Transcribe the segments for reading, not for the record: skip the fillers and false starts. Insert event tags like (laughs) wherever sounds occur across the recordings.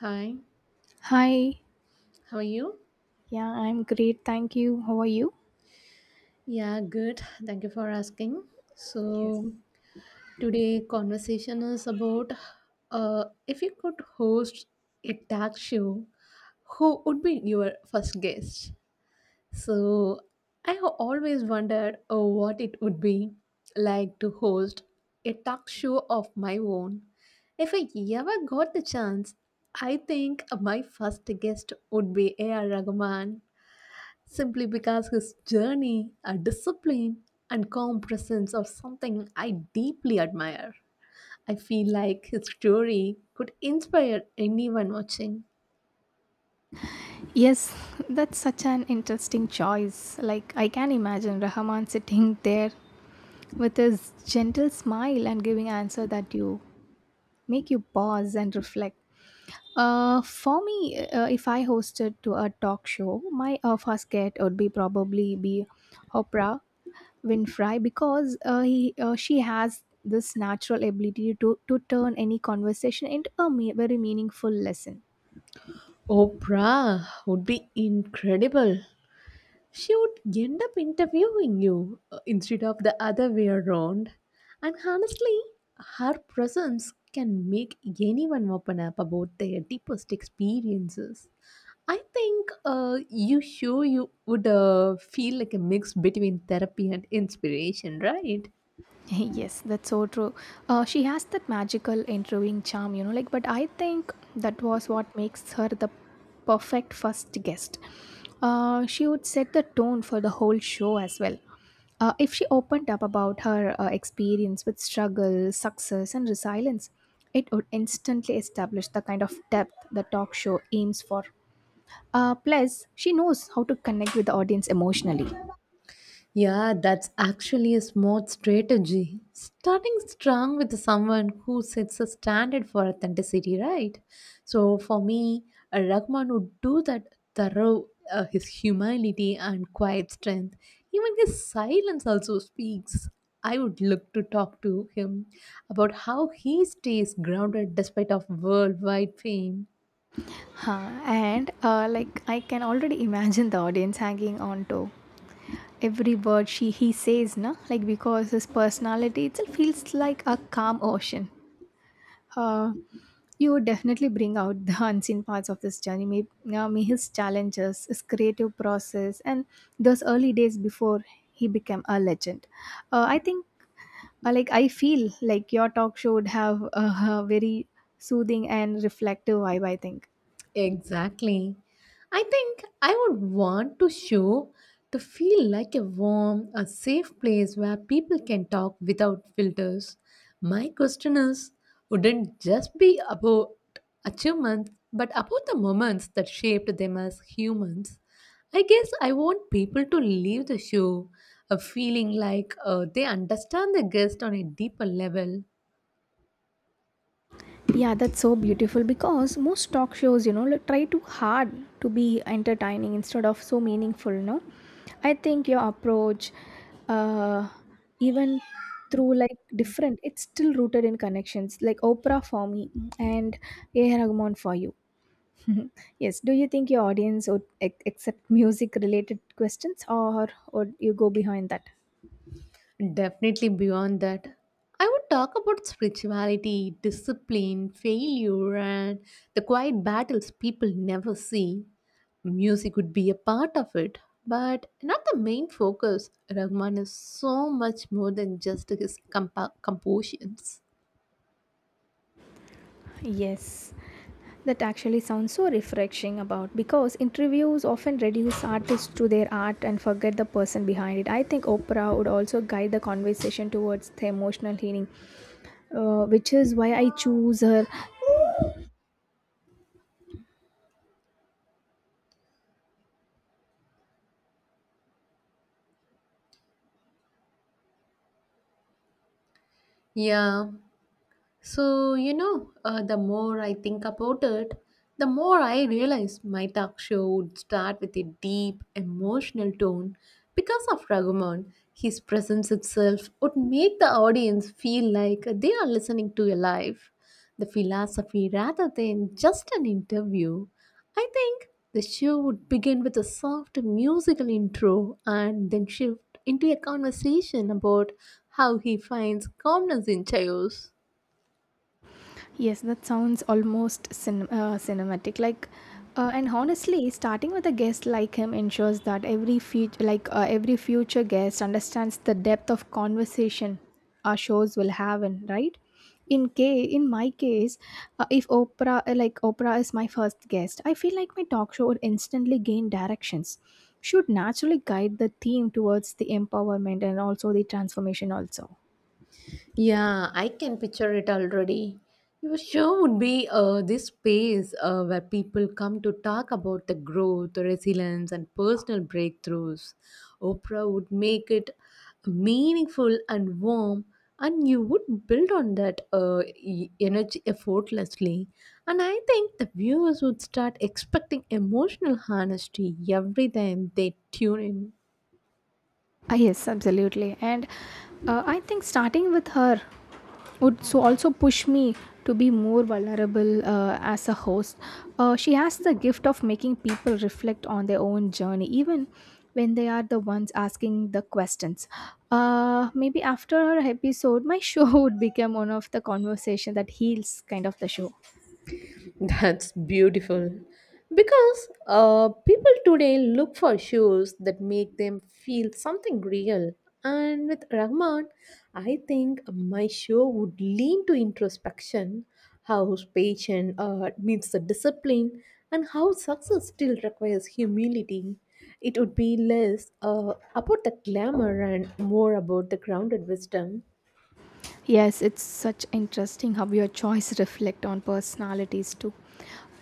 Hi, Hi. how are you? Yeah, I'm great. Thank you. How are you? Yeah, good. Thank you for asking. Yes. So, today conversation is about if you could host a talk show, who would be your first guest? So, I have always wondered what it would be like to host a talk show of my own. If I ever got the chance, I think my first guest would be A.R. Rahman simply because his journey, a discipline, and calm presence are something I deeply admire. I feel like his story could inspire anyone watching. Yes, (laughs) that's such an interesting choice. Like, I can imagine Rahman sitting (laughs) there with his gentle smile and giving answer that you make you pause and reflect. For me, if I hosted to a talk show, my first guest would be probably be Oprah Winfrey because he she has this natural ability to turn any conversation into a very meaningful lesson. Oprah would be incredible. She would end up interviewing you instead of the other way around. And honestly, her presence can make anyone open up about their deepest experiences. I think you sure you would feel like a mix between therapy and inspiration, right? (laughs) Yes, that's so true. She has that magical interviewing charm, you know, like, but I think that was what makes her the perfect first guest. She would set the tone for the whole show as well. If she opened up about her experience with struggle, success, and resilience, it would instantly establish the kind of depth the talk show aims for. Plus, she knows how to connect with the audience emotionally. Yeah, that's actually a smart strategy. Starting strong with someone who sets a standard for authenticity, right? So for me, a Rahman would do that thorough his humility and quiet strength. Even his silence also speaks. I would look to talk to him about how he stays grounded despite of worldwide fame. Huh, and like I can already imagine the audience hanging on to every word she he says, na. Like because his personality itself feels like a calm ocean. Uh, you would definitely bring out the (laughs) unseen parts of this journey, maybe, may his challenges, his creative process, and those early days before he became a legend. Uh, I think, like I feel like your talk show would have a very soothing and reflective vibe. I think. Exactly. I think I would want to show to feel like a warm, a safe place where people can talk without filters. My question is, wouldn't just be about achievements, but about the moments that shaped them as humans. I guess I want people to leave the show a feeling like they understand the guest on a deeper level. Yeah, that's so beautiful because most talk shows, you know, like, try too hard to be entertaining instead of so meaningful, no? I think your approach, uh even through like different, it's still rooted in connections, like Oprah for me and A. Rahman for you. (laughs) Yes, do you think your audience would accept music related questions, or would you go behind that? Definitely beyond that. I would talk about spirituality, discipline, failure, and the quiet battles people never see. Music would be a part of it, but not the main focus. Rahman is so much more than just his compositions. Yes, that actually sounds so refreshing about because interviews often reduce artists to their art and forget the person behind it. I think Oprah would also guide the conversation towards the emotional healing, which is why I choose her. Yeah, so, the more I think about it, the more I realize my talk show would start with a deep, emotional tone because of Raghuman. His presence itself would make the audience feel like they are listening to a life, the philosophy rather than just an interview. I think the show would begin with a soft musical intro and then shift into a conversation about how he finds calmness in chaos. Yes, that sounds almost cinematic. Like, and honestly, starting with a guest like him ensures that every future, every future guest, understands the depth of conversation our shows will have, and right. In my case, if Oprah, like Oprah, is my first guest, I feel like my talk show would instantly gain directions, should naturally guide the theme towards the empowerment and also the transformation also. Yeah, I can picture it already. Your show would be this space where people come to talk about the growth, resilience, and personal breakthroughs. Oprah would make it meaningful and warm, and you would build on that energy effortlessly. And I think the viewers would start expecting emotional honesty every time they tune in. Ah, yes, absolutely. And I think starting with her would so also push me to be more vulnerable as a host. She has the gift of making people reflect on their own journey, even when they are the ones asking the questions. Maybe after her episode, my show (laughs) would become one of the conversation that heals kind of the show. That's beautiful. Because people today look for shoes that make them feel something real. And with Rahman, I think my show would lean to introspection, how patience needs the discipline, and how success still requires humility. It would be less about the glamour and more about the grounded wisdom. Yes, it's such interesting how your choice reflect on personalities too.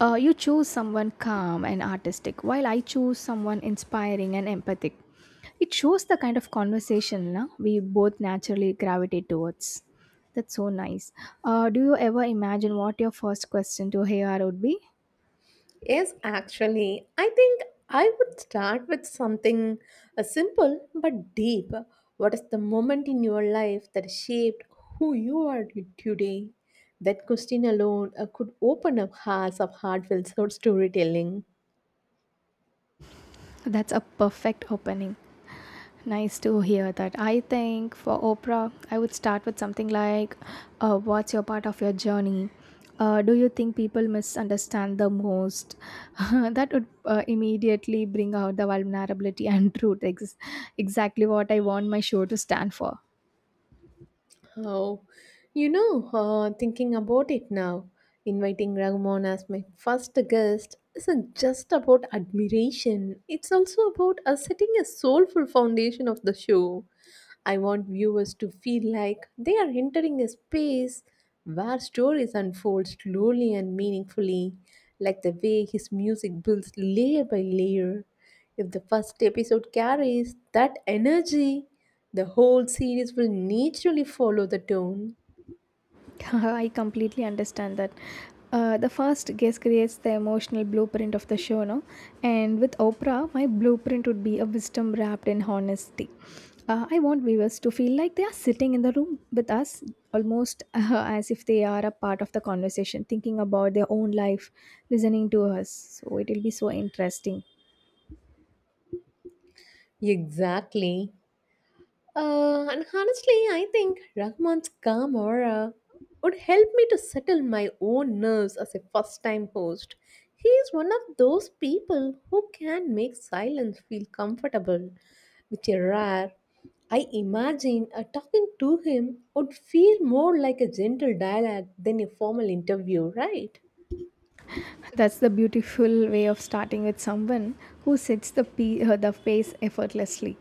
You choose someone calm and artistic, while I choose someone inspiring and empathic. It shows the kind of conversation, na, we both naturally gravitate towards. That's so nice. Do you ever imagine what your first question to HR would be? Yes, actually, I think I would start with something simple but deep. What is the moment in your life that shaped who you are today? That question alone could open up hearts of heartfelt (laughs) sort storytelling. That's a perfect opening. Nice to hear that. I think for Oprah, I would start with something like, what's your part of your journey? Do you think people misunderstand the most? (laughs) That would immediately bring out the vulnerability and truth. Exactly what I want my show to stand for. Oh, thinking about it now, inviting Raghuman as my first guest isn't just about admiration, it's also about setting a soulful foundation of the show. I want viewers to feel like they are entering a space where stories unfold slowly and meaningfully, like the way his music builds layer by layer. If the first episode carries that energy, the whole series will naturally follow the tone. (laughs) I completely understand that. The first guess creates the emotional blueprint of the show, no? And with Oprah, my blueprint would be a wisdom wrapped in honesty. I want viewers to feel like they are sitting in the room with us, almost (laughs) as if they are a part of the conversation, thinking about their own life, listening to us. So it will be so interesting. Exactly. And honestly, I think Rahman's calm aura would help me to settle my own nerves as a first time host. He is one of those people who can make silence feel comfortable, which is rare. I imagine talking to him would feel more like a gentle dialogue than a formal interview, right? That's the beautiful way of starting with someone who sets the pace effortlessly.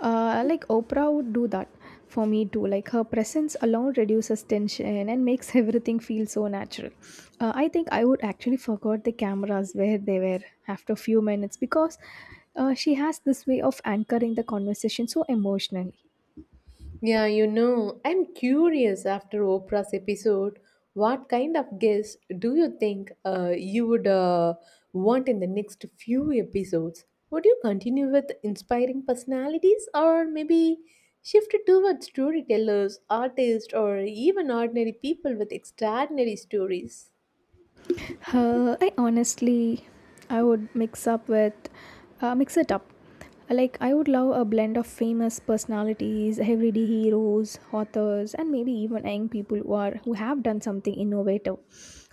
Like Oprah would do that for me too. Like her presence alone reduces tension and makes (laughs) everything feel so natural. I think I would actually forgot the cameras where they were after a few minutes because she has this way of anchoring the conversation so emotionally. Yeah, you know, I'm curious after Oprah's episode, what kind of guests do you think you would want in the next few episodes? Would you continue with inspiring personalities or maybe shift it towards storytellers, artists, or even ordinary people with extraordinary stories? Uh, I honestly, I would mix up with, mix it up. Like I would love a blend of famous personalities, everyday heroes, authors, and maybe even young people who have done something innovative.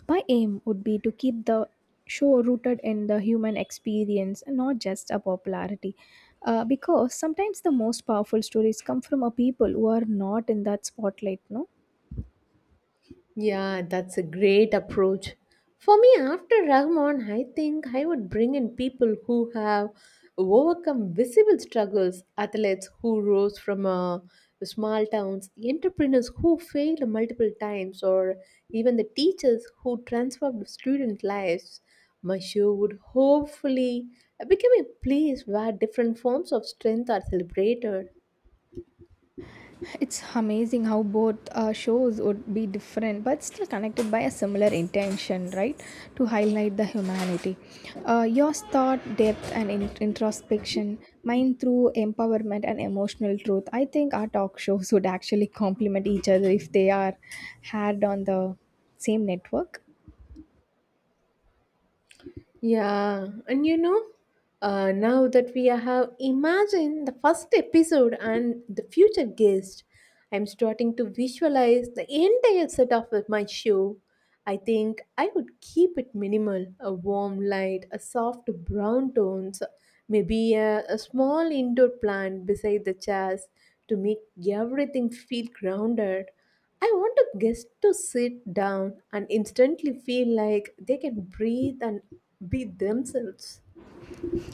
My aim would be to keep the show rooted in the human experience and not just a popularity. Because sometimes the most powerful stories come from a people who are not in that spotlight, no? Yeah, that's a great approach. For me, after Rahman, I think I would bring in people who have overcome visible struggles, athletes who rose from small towns, entrepreneurs who failed multiple times, or even the teachers who transformed student lives. My show would hopefully become a place where different forms of strength are celebrated. It's amazing how both shows would be different but still connected by a similar intention, right? To highlight the humanity. Yours thought depth and introspection, mine through empowerment and emotional truth. I think our talk shows would actually complement each other if they are had on the same network. Yeah, and now that we have imagined the first episode and the future guest, I'm starting to visualize the entire setup of my show. I think I would keep it minimal a warm light, a soft brown tones, maybe a small indoor plant beside the chairs to make everything feel grounded. I want a guest to sit down and instantly feel like they can breathe and be themselves.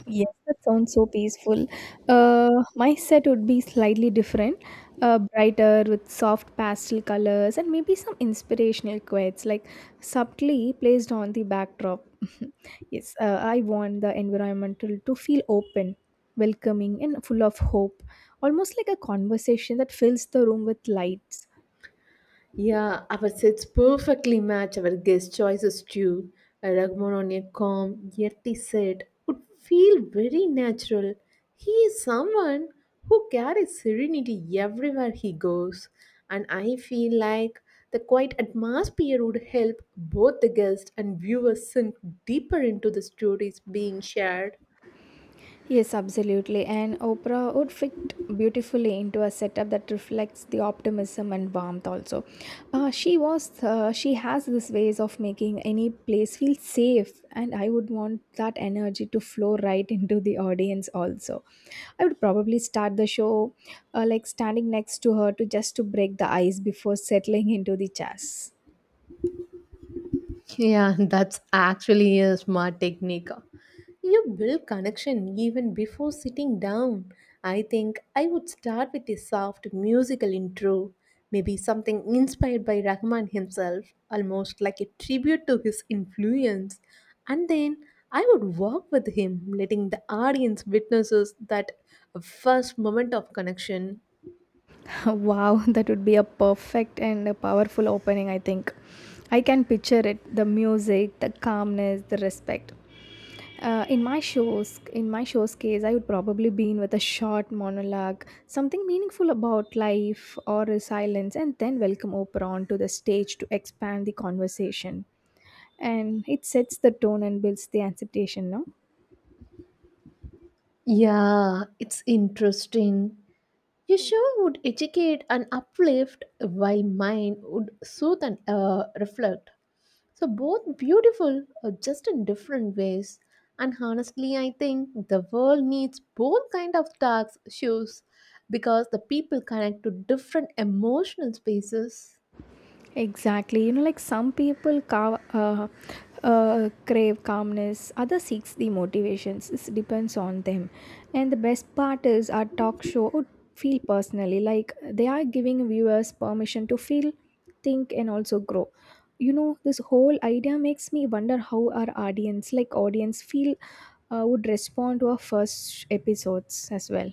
Yes, that sounds so peaceful. My set would be slightly different, brighter with soft pastel colors and maybe some inspirational quotes, like subtly placed on the backdrop. (laughs) Yes, I want the environmental to feel open, welcoming, and full of hope, almost like a conversation that fills the room with lights. Yeah, our sets perfectly match our guest choices too. A Ragman on a calm, earthy set would feel very natural. He is someone who carries serenity everywhere he goes, and I feel like the quiet atmosphere would help both the guest and viewers sink deeper into the stories being shared. Yes, absolutely. And Oprah would fit beautifully into a setup that reflects the optimism and warmth also. She has this ways of making any place feel safe, and I would want that energy to flow right into the audience also. I would probably start the show, like standing next to her, to just to break the ice before settling into the chairs. Yeah, (laughs) that's actually a smart technique. You build connection even before sitting down. I think I would start with a soft musical intro, maybe something inspired by Rahman himself, almost like a tribute to his influence. And then I would walk with him, letting the audience witnesses that first moment of connection. (laughs) Wow, that would be a perfect and a powerful opening, I think. I can picture it, the music, the calmness, the respect. In my show's case, I would probably be in with a short monologue, something meaningful about life or resilience, and then welcome Oprah onto the stage to expand the conversation. And it sets the tone and builds the anticipation, no? Yeah, it's interesting. Your show would educate and uplift, while mine would soothe and reflect. So, both beautiful, just in different ways. And honestly, I think the world needs both kind of talk shows because the people connect to different emotional spaces. Exactly. You know, like some people crave calmness, others seeks the motivations. This depends on them. And the best part is our talk show would feel personally like they are giving viewers permission to feel, think, and also grow. You know, this whole idea makes me wonder how our audience, like audience, feel would respond to our first episodes as well.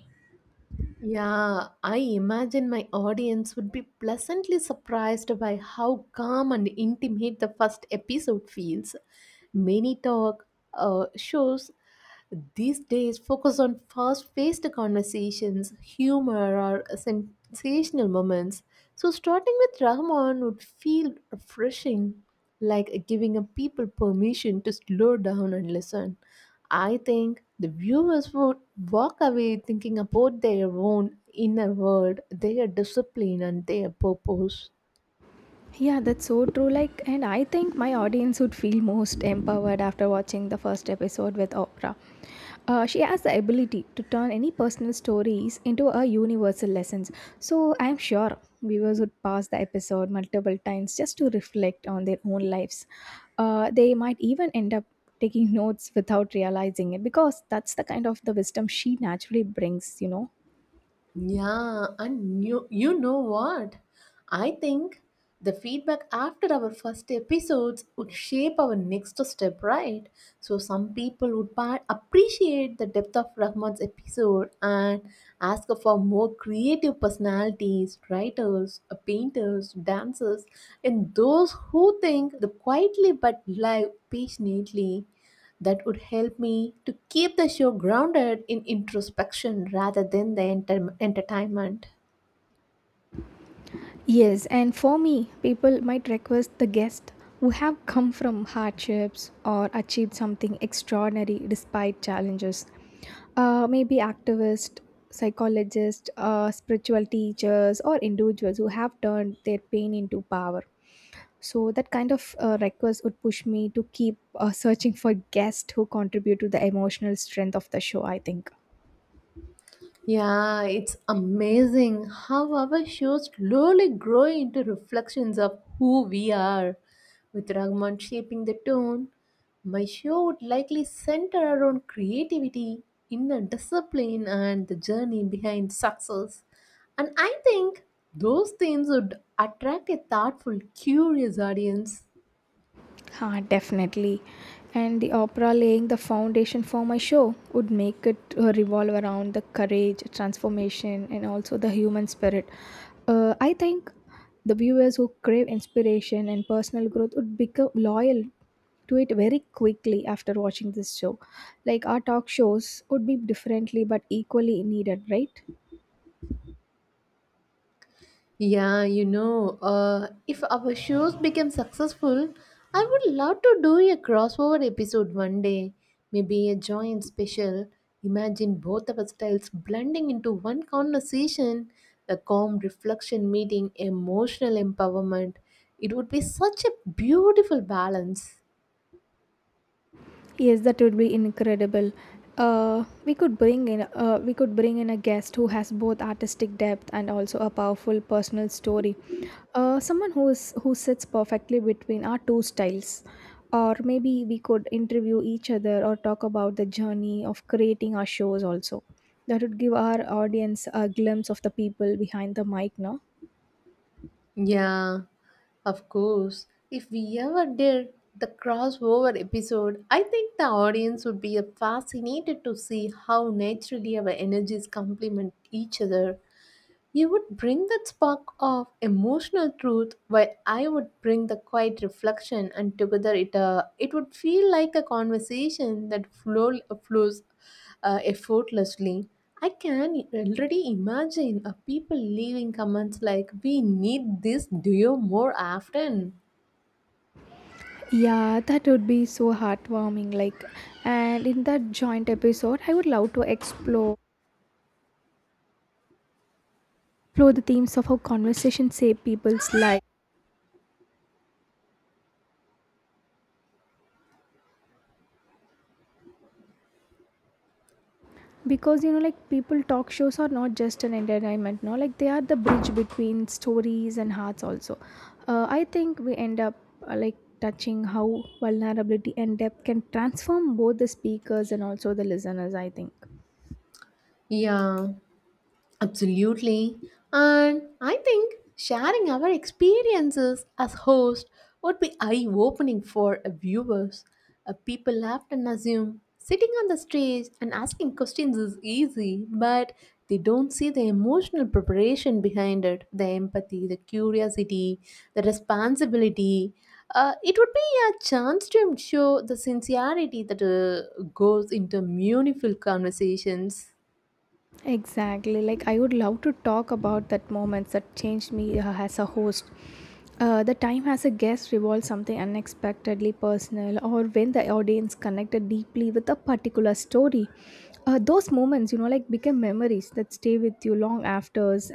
Yeah, I imagine my audience would be pleasantly surprised by how calm and intimate the first episode feels. Many talk shows these days, focus on fast paced conversations, humor, or sensational moments. So, starting with Rahman would feel refreshing, like giving a people permission to slow down and listen. I think the viewers would walk away thinking about their own inner world, their discipline, and their purpose. Yeah, that's so true. Like, and I think my audience would feel most empowered after watching the first episode with Oprah. She has the ability to turn any personal stories into a universal lessons. So I'm sure viewers would pause the episode multiple times just to reflect on their own lives. They might even end up taking notes without realizing it because that's the kind of the wisdom she naturally brings, you know. Yeah, and you know what? I think the feedback after our first episodes would shape our next step, right? So some people would appreciate the depth of Rahman's episode and ask for more creative personalities, writers, painters, dancers, and those who think the quietly but live passionately that would help me to keep the show grounded in introspection rather than the entertainment. Yes, and for me, people might request the guest who have come from hardships or achieved something extraordinary despite challenges. Maybe activists, psychologists, spiritual teachers, or individuals who have turned their pain into power. So that kind of request would push me to keep searching for guests who contribute to the emotional strength of the show. I think. Yeah, it's amazing how our shows slowly grow into reflections of who we are. With Ragman shaping the tone, my show would likely center around creativity, inner discipline, and the journey behind success. And I think those themes would attract a thoughtful, curious audience. Ah, definitely. And the opera laying the foundation for my show would make it revolve around the courage, transformation, and also the human spirit. I think the viewers who crave inspiration and personal growth would become loyal to it very quickly after watching this show. Like our talk shows would be differently but equally needed, right? Yeah, if our shows become successful, I would love to do a crossover episode one day. Maybe a joint special. Imagine both of our styles blending into one conversation, a calm reflection meeting, emotional empowerment. It would be such a beautiful balance. Yes, that would be incredible. We could bring in a guest who has both artistic depth and also a powerful personal story. Someone who sits perfectly between our two styles. Or maybe we could interview each other or talk about the journey of creating our shows also. That would give our audience a glimpse of the people behind the mic, no? Yeah, of course. If we ever did the crossover episode, I think the audience would be fascinated to see how naturally our energies complement each other. You would bring that spark of emotional truth, while I would bring the quiet reflection, and together it would feel like a conversation that flows effortlessly. I can already imagine people leaving comments like, "We need this duo more often." Yeah, that would be so heartwarming. Like, and in that joint episode, I would love to explore the themes of how conversations save people's lives, because you know, like people talk shows are not just an entertainment, no, like they are the bridge between stories and hearts also. I think we end up Like touching how vulnerability and depth can transform both the speakers and also the listeners, I think. Yeah. Absolutely. And I think sharing our experiences as host would be eye-opening for viewers. People often assume sitting on the stage and asking questions is easy, but they don't see the emotional preparation behind it, the empathy, the curiosity, the responsibility. It would be a chance to show the sincerity that goes into meaningful conversations. Exactly. Like, I would love to talk about that moments that changed me as a host. The time as a guest revolved something unexpectedly personal, or when the audience connected deeply with a particular story. Those moments, you know, like become memories that stay with you long afters,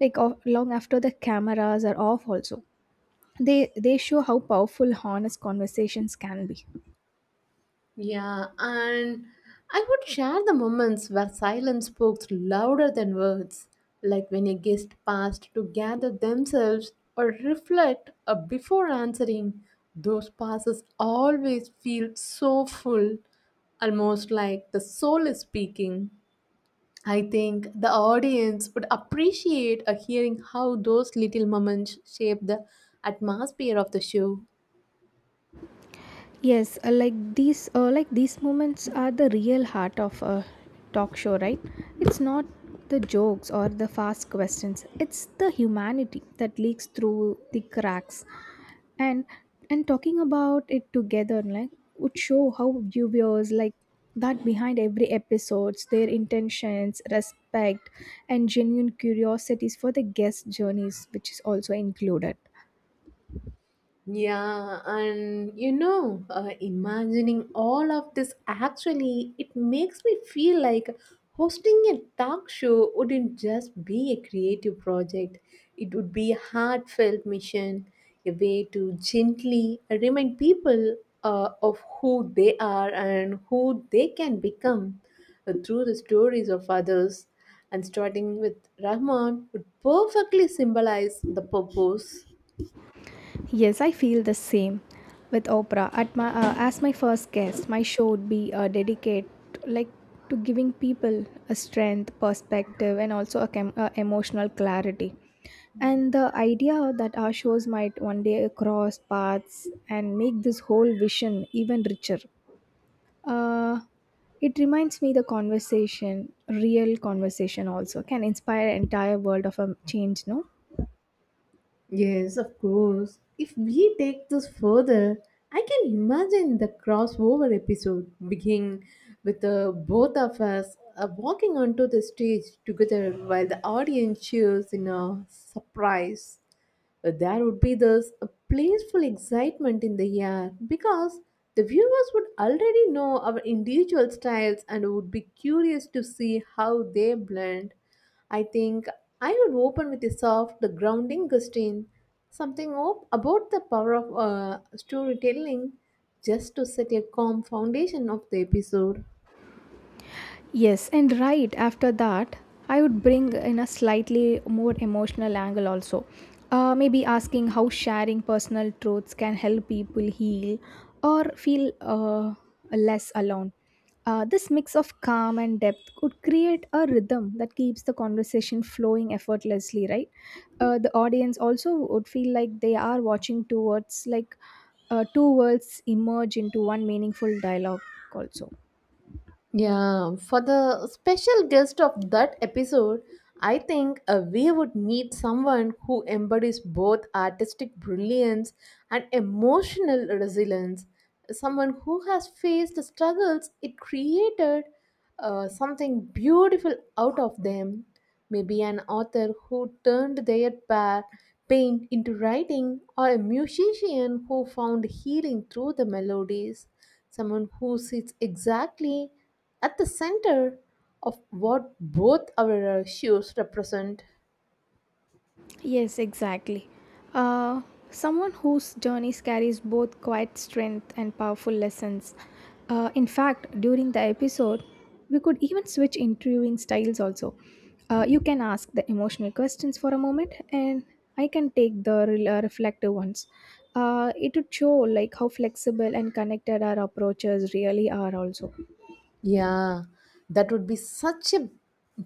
like of, long after the cameras are off. Also, they show how powerful honest conversations can be. Yeah, and I would share the moments where silence spoke louder than words, like when a guest paused to gather themselves or reflect before answering. Those pauses always feel so full, almost like the soul is speaking. I think the audience would appreciate a hearing how those little moments shape the atmosphere of the show. Yes, like these moments are the real heart of a talk show, right? It's not the jokes or the fast questions. It's the humanity that leaks through the cracks, and and talking about it together, like would show how viewers like that behind every episodes, their intentions, respect, and genuine curiosities for the guest journeys, which is also included. Yeah, and imagining all of this actually, it makes me feel like hosting a talk show wouldn't just be a creative project. It would be a heartfelt mission, a way to gently remind people of who they are and who they can become through the stories of others. And starting with Rahman would perfectly symbolize the purpose. Yes, I feel the same with Oprah. At my as my first guest, my show would be dedicated like to giving people a strength, perspective, and also emotional clarity. And the idea that our shows might one day cross paths and make this whole vision even richer. Uh, it reminds me the conversation, real conversation also can inspire entire world of a change. No. Yes, of course. If we take this further, I can imagine the crossover episode beginning with both of us walking onto the stage together while the audience cheers in a surprise. There would be this playful excitement in the air because the viewers would already know our individual styles and would be curious to see how they blend. I think I would open with a soft, grounding question, something about the power of storytelling, just to set a calm foundation of the episode. Yes, and right after that, I would bring in a slightly more emotional angle also. Maybe asking how sharing personal truths can help people heal or feel less alone. This mix of calm and depth could create a rhythm that keeps the conversation flowing effortlessly, right? The audience also would feel like they are watching towards like two worlds emerge into one meaningful dialogue also. Yeah, for the special guest of that episode, I think we would need someone who embodies both artistic brilliance and emotional resilience. Someone who has faced the struggles it created something beautiful out of them. Maybe an author who turned their pain into writing, or a musician who found healing through the melodies, someone who sits exactly at the center of what both our shoes represent. Yes, exactly. Uh, Someone whose journey carries both quiet strength and powerful lessons. In fact, during the episode, we could even switch interviewing styles also. You can ask the emotional questions for a moment, and I can take the reflective ones. It would show like how flexible and connected our approaches really are also. Yeah, that would be such a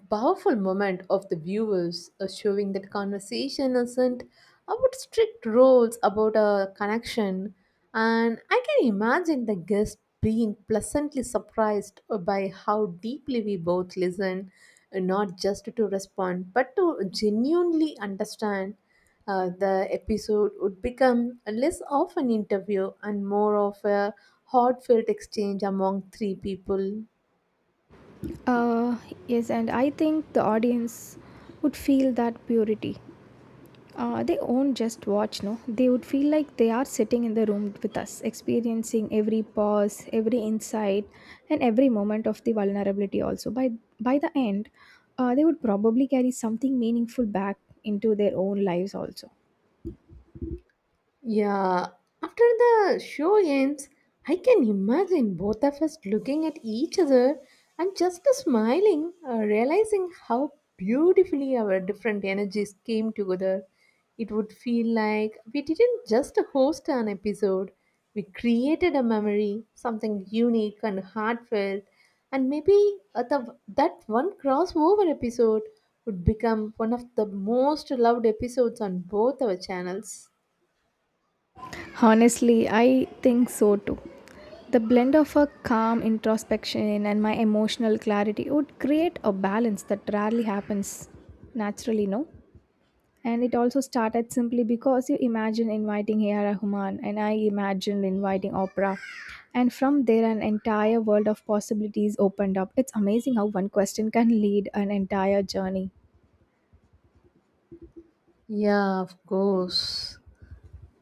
powerful moment of the viewers showing that conversation isn't about strict rules about a connection. And I can imagine the guest being pleasantly surprised by how deeply we both listen, not just to respond, but to genuinely understand. The episode would become less of an interview and more of a heartfelt exchange among three people. Uh, yes, and I think the audience would feel that purity. They won't just watch, no. They would feel like they are sitting in the room with us, experiencing every pause, every insight, and every moment of the vulnerability. Also, by the end, they would probably carry something meaningful back into their own lives. Also, Yeah, after the show ends, I can imagine both of us looking at each other and just smiling, realizing how beautifully our different energies came together. It would feel like we didn't just host an episode, we created a memory, something unique and heartfelt, and maybe that one crossover episode would become one of the most loved episodes on both our channels. honestly, I think so too. The blend of a calm introspection and my emotional clarity would create a balance that rarely happens naturally, no. And it also started simply because you imagine inviting A.R. Rahman and I imagined inviting Oprah. And from there, an entire world of possibilities opened up. It's amazing how one question can lead an entire journey. Yeah, of course.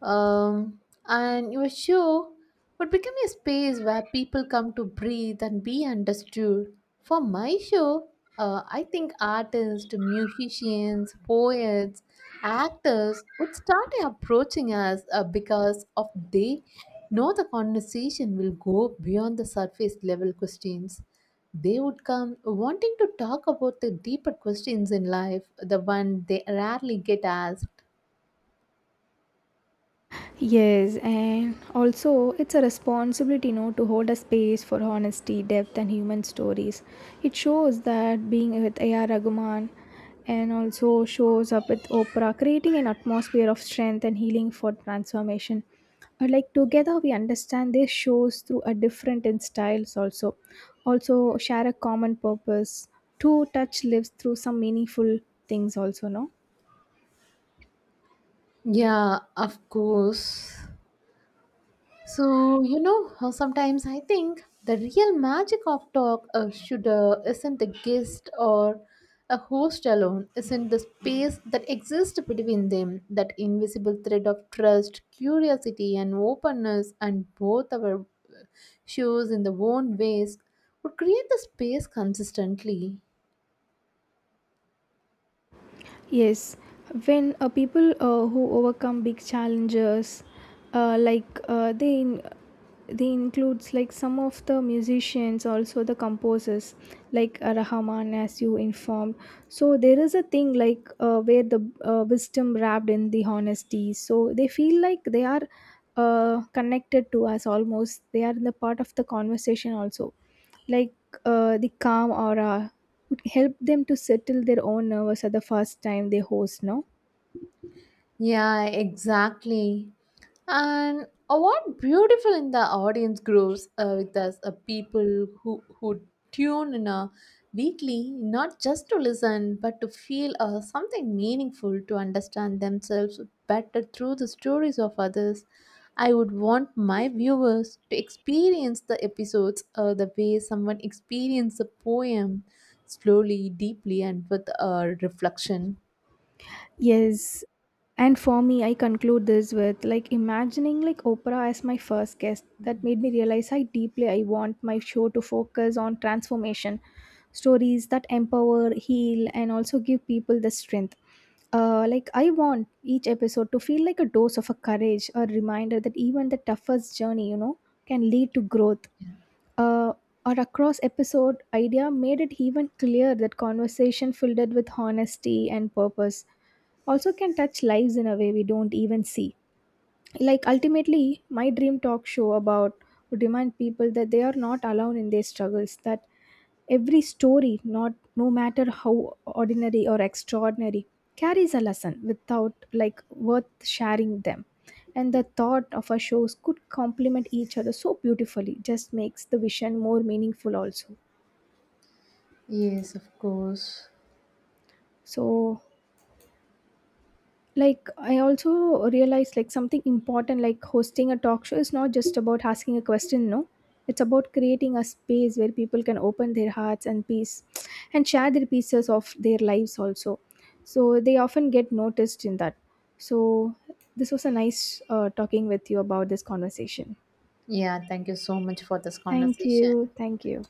Um, and your show would become a space where people come to breathe and be understood. For my show, I think artists, musicians, poets, actors would start approaching us because of they know the conversation will go beyond the surface level questions. They would come wanting to talk about the deeper questions in life, the one they rarely get asked. Yes, and also it's a responsibility, you know, to hold a space for honesty, depth, and human stories. It shows that being with A.R. Rahman and also shows up with Oprah, creating an atmosphere of strength and healing for transformation. Like together, we understand this shows through a different in styles also. Also share a common purpose to touch lives through some meaningful things also, no? Yeah, of course. So, you know, how sometimes I think the real magic of talk should isn't a guest or a host alone, isn't the space that exists between them, that invisible thread of trust, curiosity, and openness, and both our shows in their own ways would create the space consistently. Yes, when people who overcome big challenges, uh, like uh, they in- they includes like some of the musicians, also the composers, like Rahman, as you informed. So there is a thing like where the wisdom wrapped in the honesty. So they feel like they are connected to us almost. They are in the part of the conversation also like the calm aura would help them to settle their own nerves at the first time they host, no? Yeah, exactly. And what beautiful in the audience grows with us, people who tune in weekly, not just to listen, but to feel something meaningful, to understand themselves better through the stories of others. I would want my viewers to experience the episodes the way someone experienced a poem, slowly, deeply, and with reflection. Yes, and for me, I conclude this with like imagining like Oprah as my first guest that made me realize how deeply I want my show to focus on transformation stories that empower, heal, and also give people the strength. Like, I want each episode to feel like a dose of a courage, a reminder that even the toughest journey, you know, can lead to growth. uh, or across episode idea made it even clear that conversation filled it with honesty and purpose also can touch lives in a way we don't even see. Like, ultimately, my dream talk show about would remind people that they are not alone in their struggles, that every story, not no matter how ordinary or extraordinary, carries a lesson without like worth sharing them. And the thought of our shows could complement each other so beautifully just makes the vision more meaningful also. Yes, of course. So like, I also realized like something important, like hosting a talk show is not just about asking a question, no. It's about creating a space where people can open their hearts and peace and share their pieces of their lives also, so they often get noticed in that. So this was a nice talking with you about this conversation. Yeah, thank you so much for this Thank conversation. you, thank you.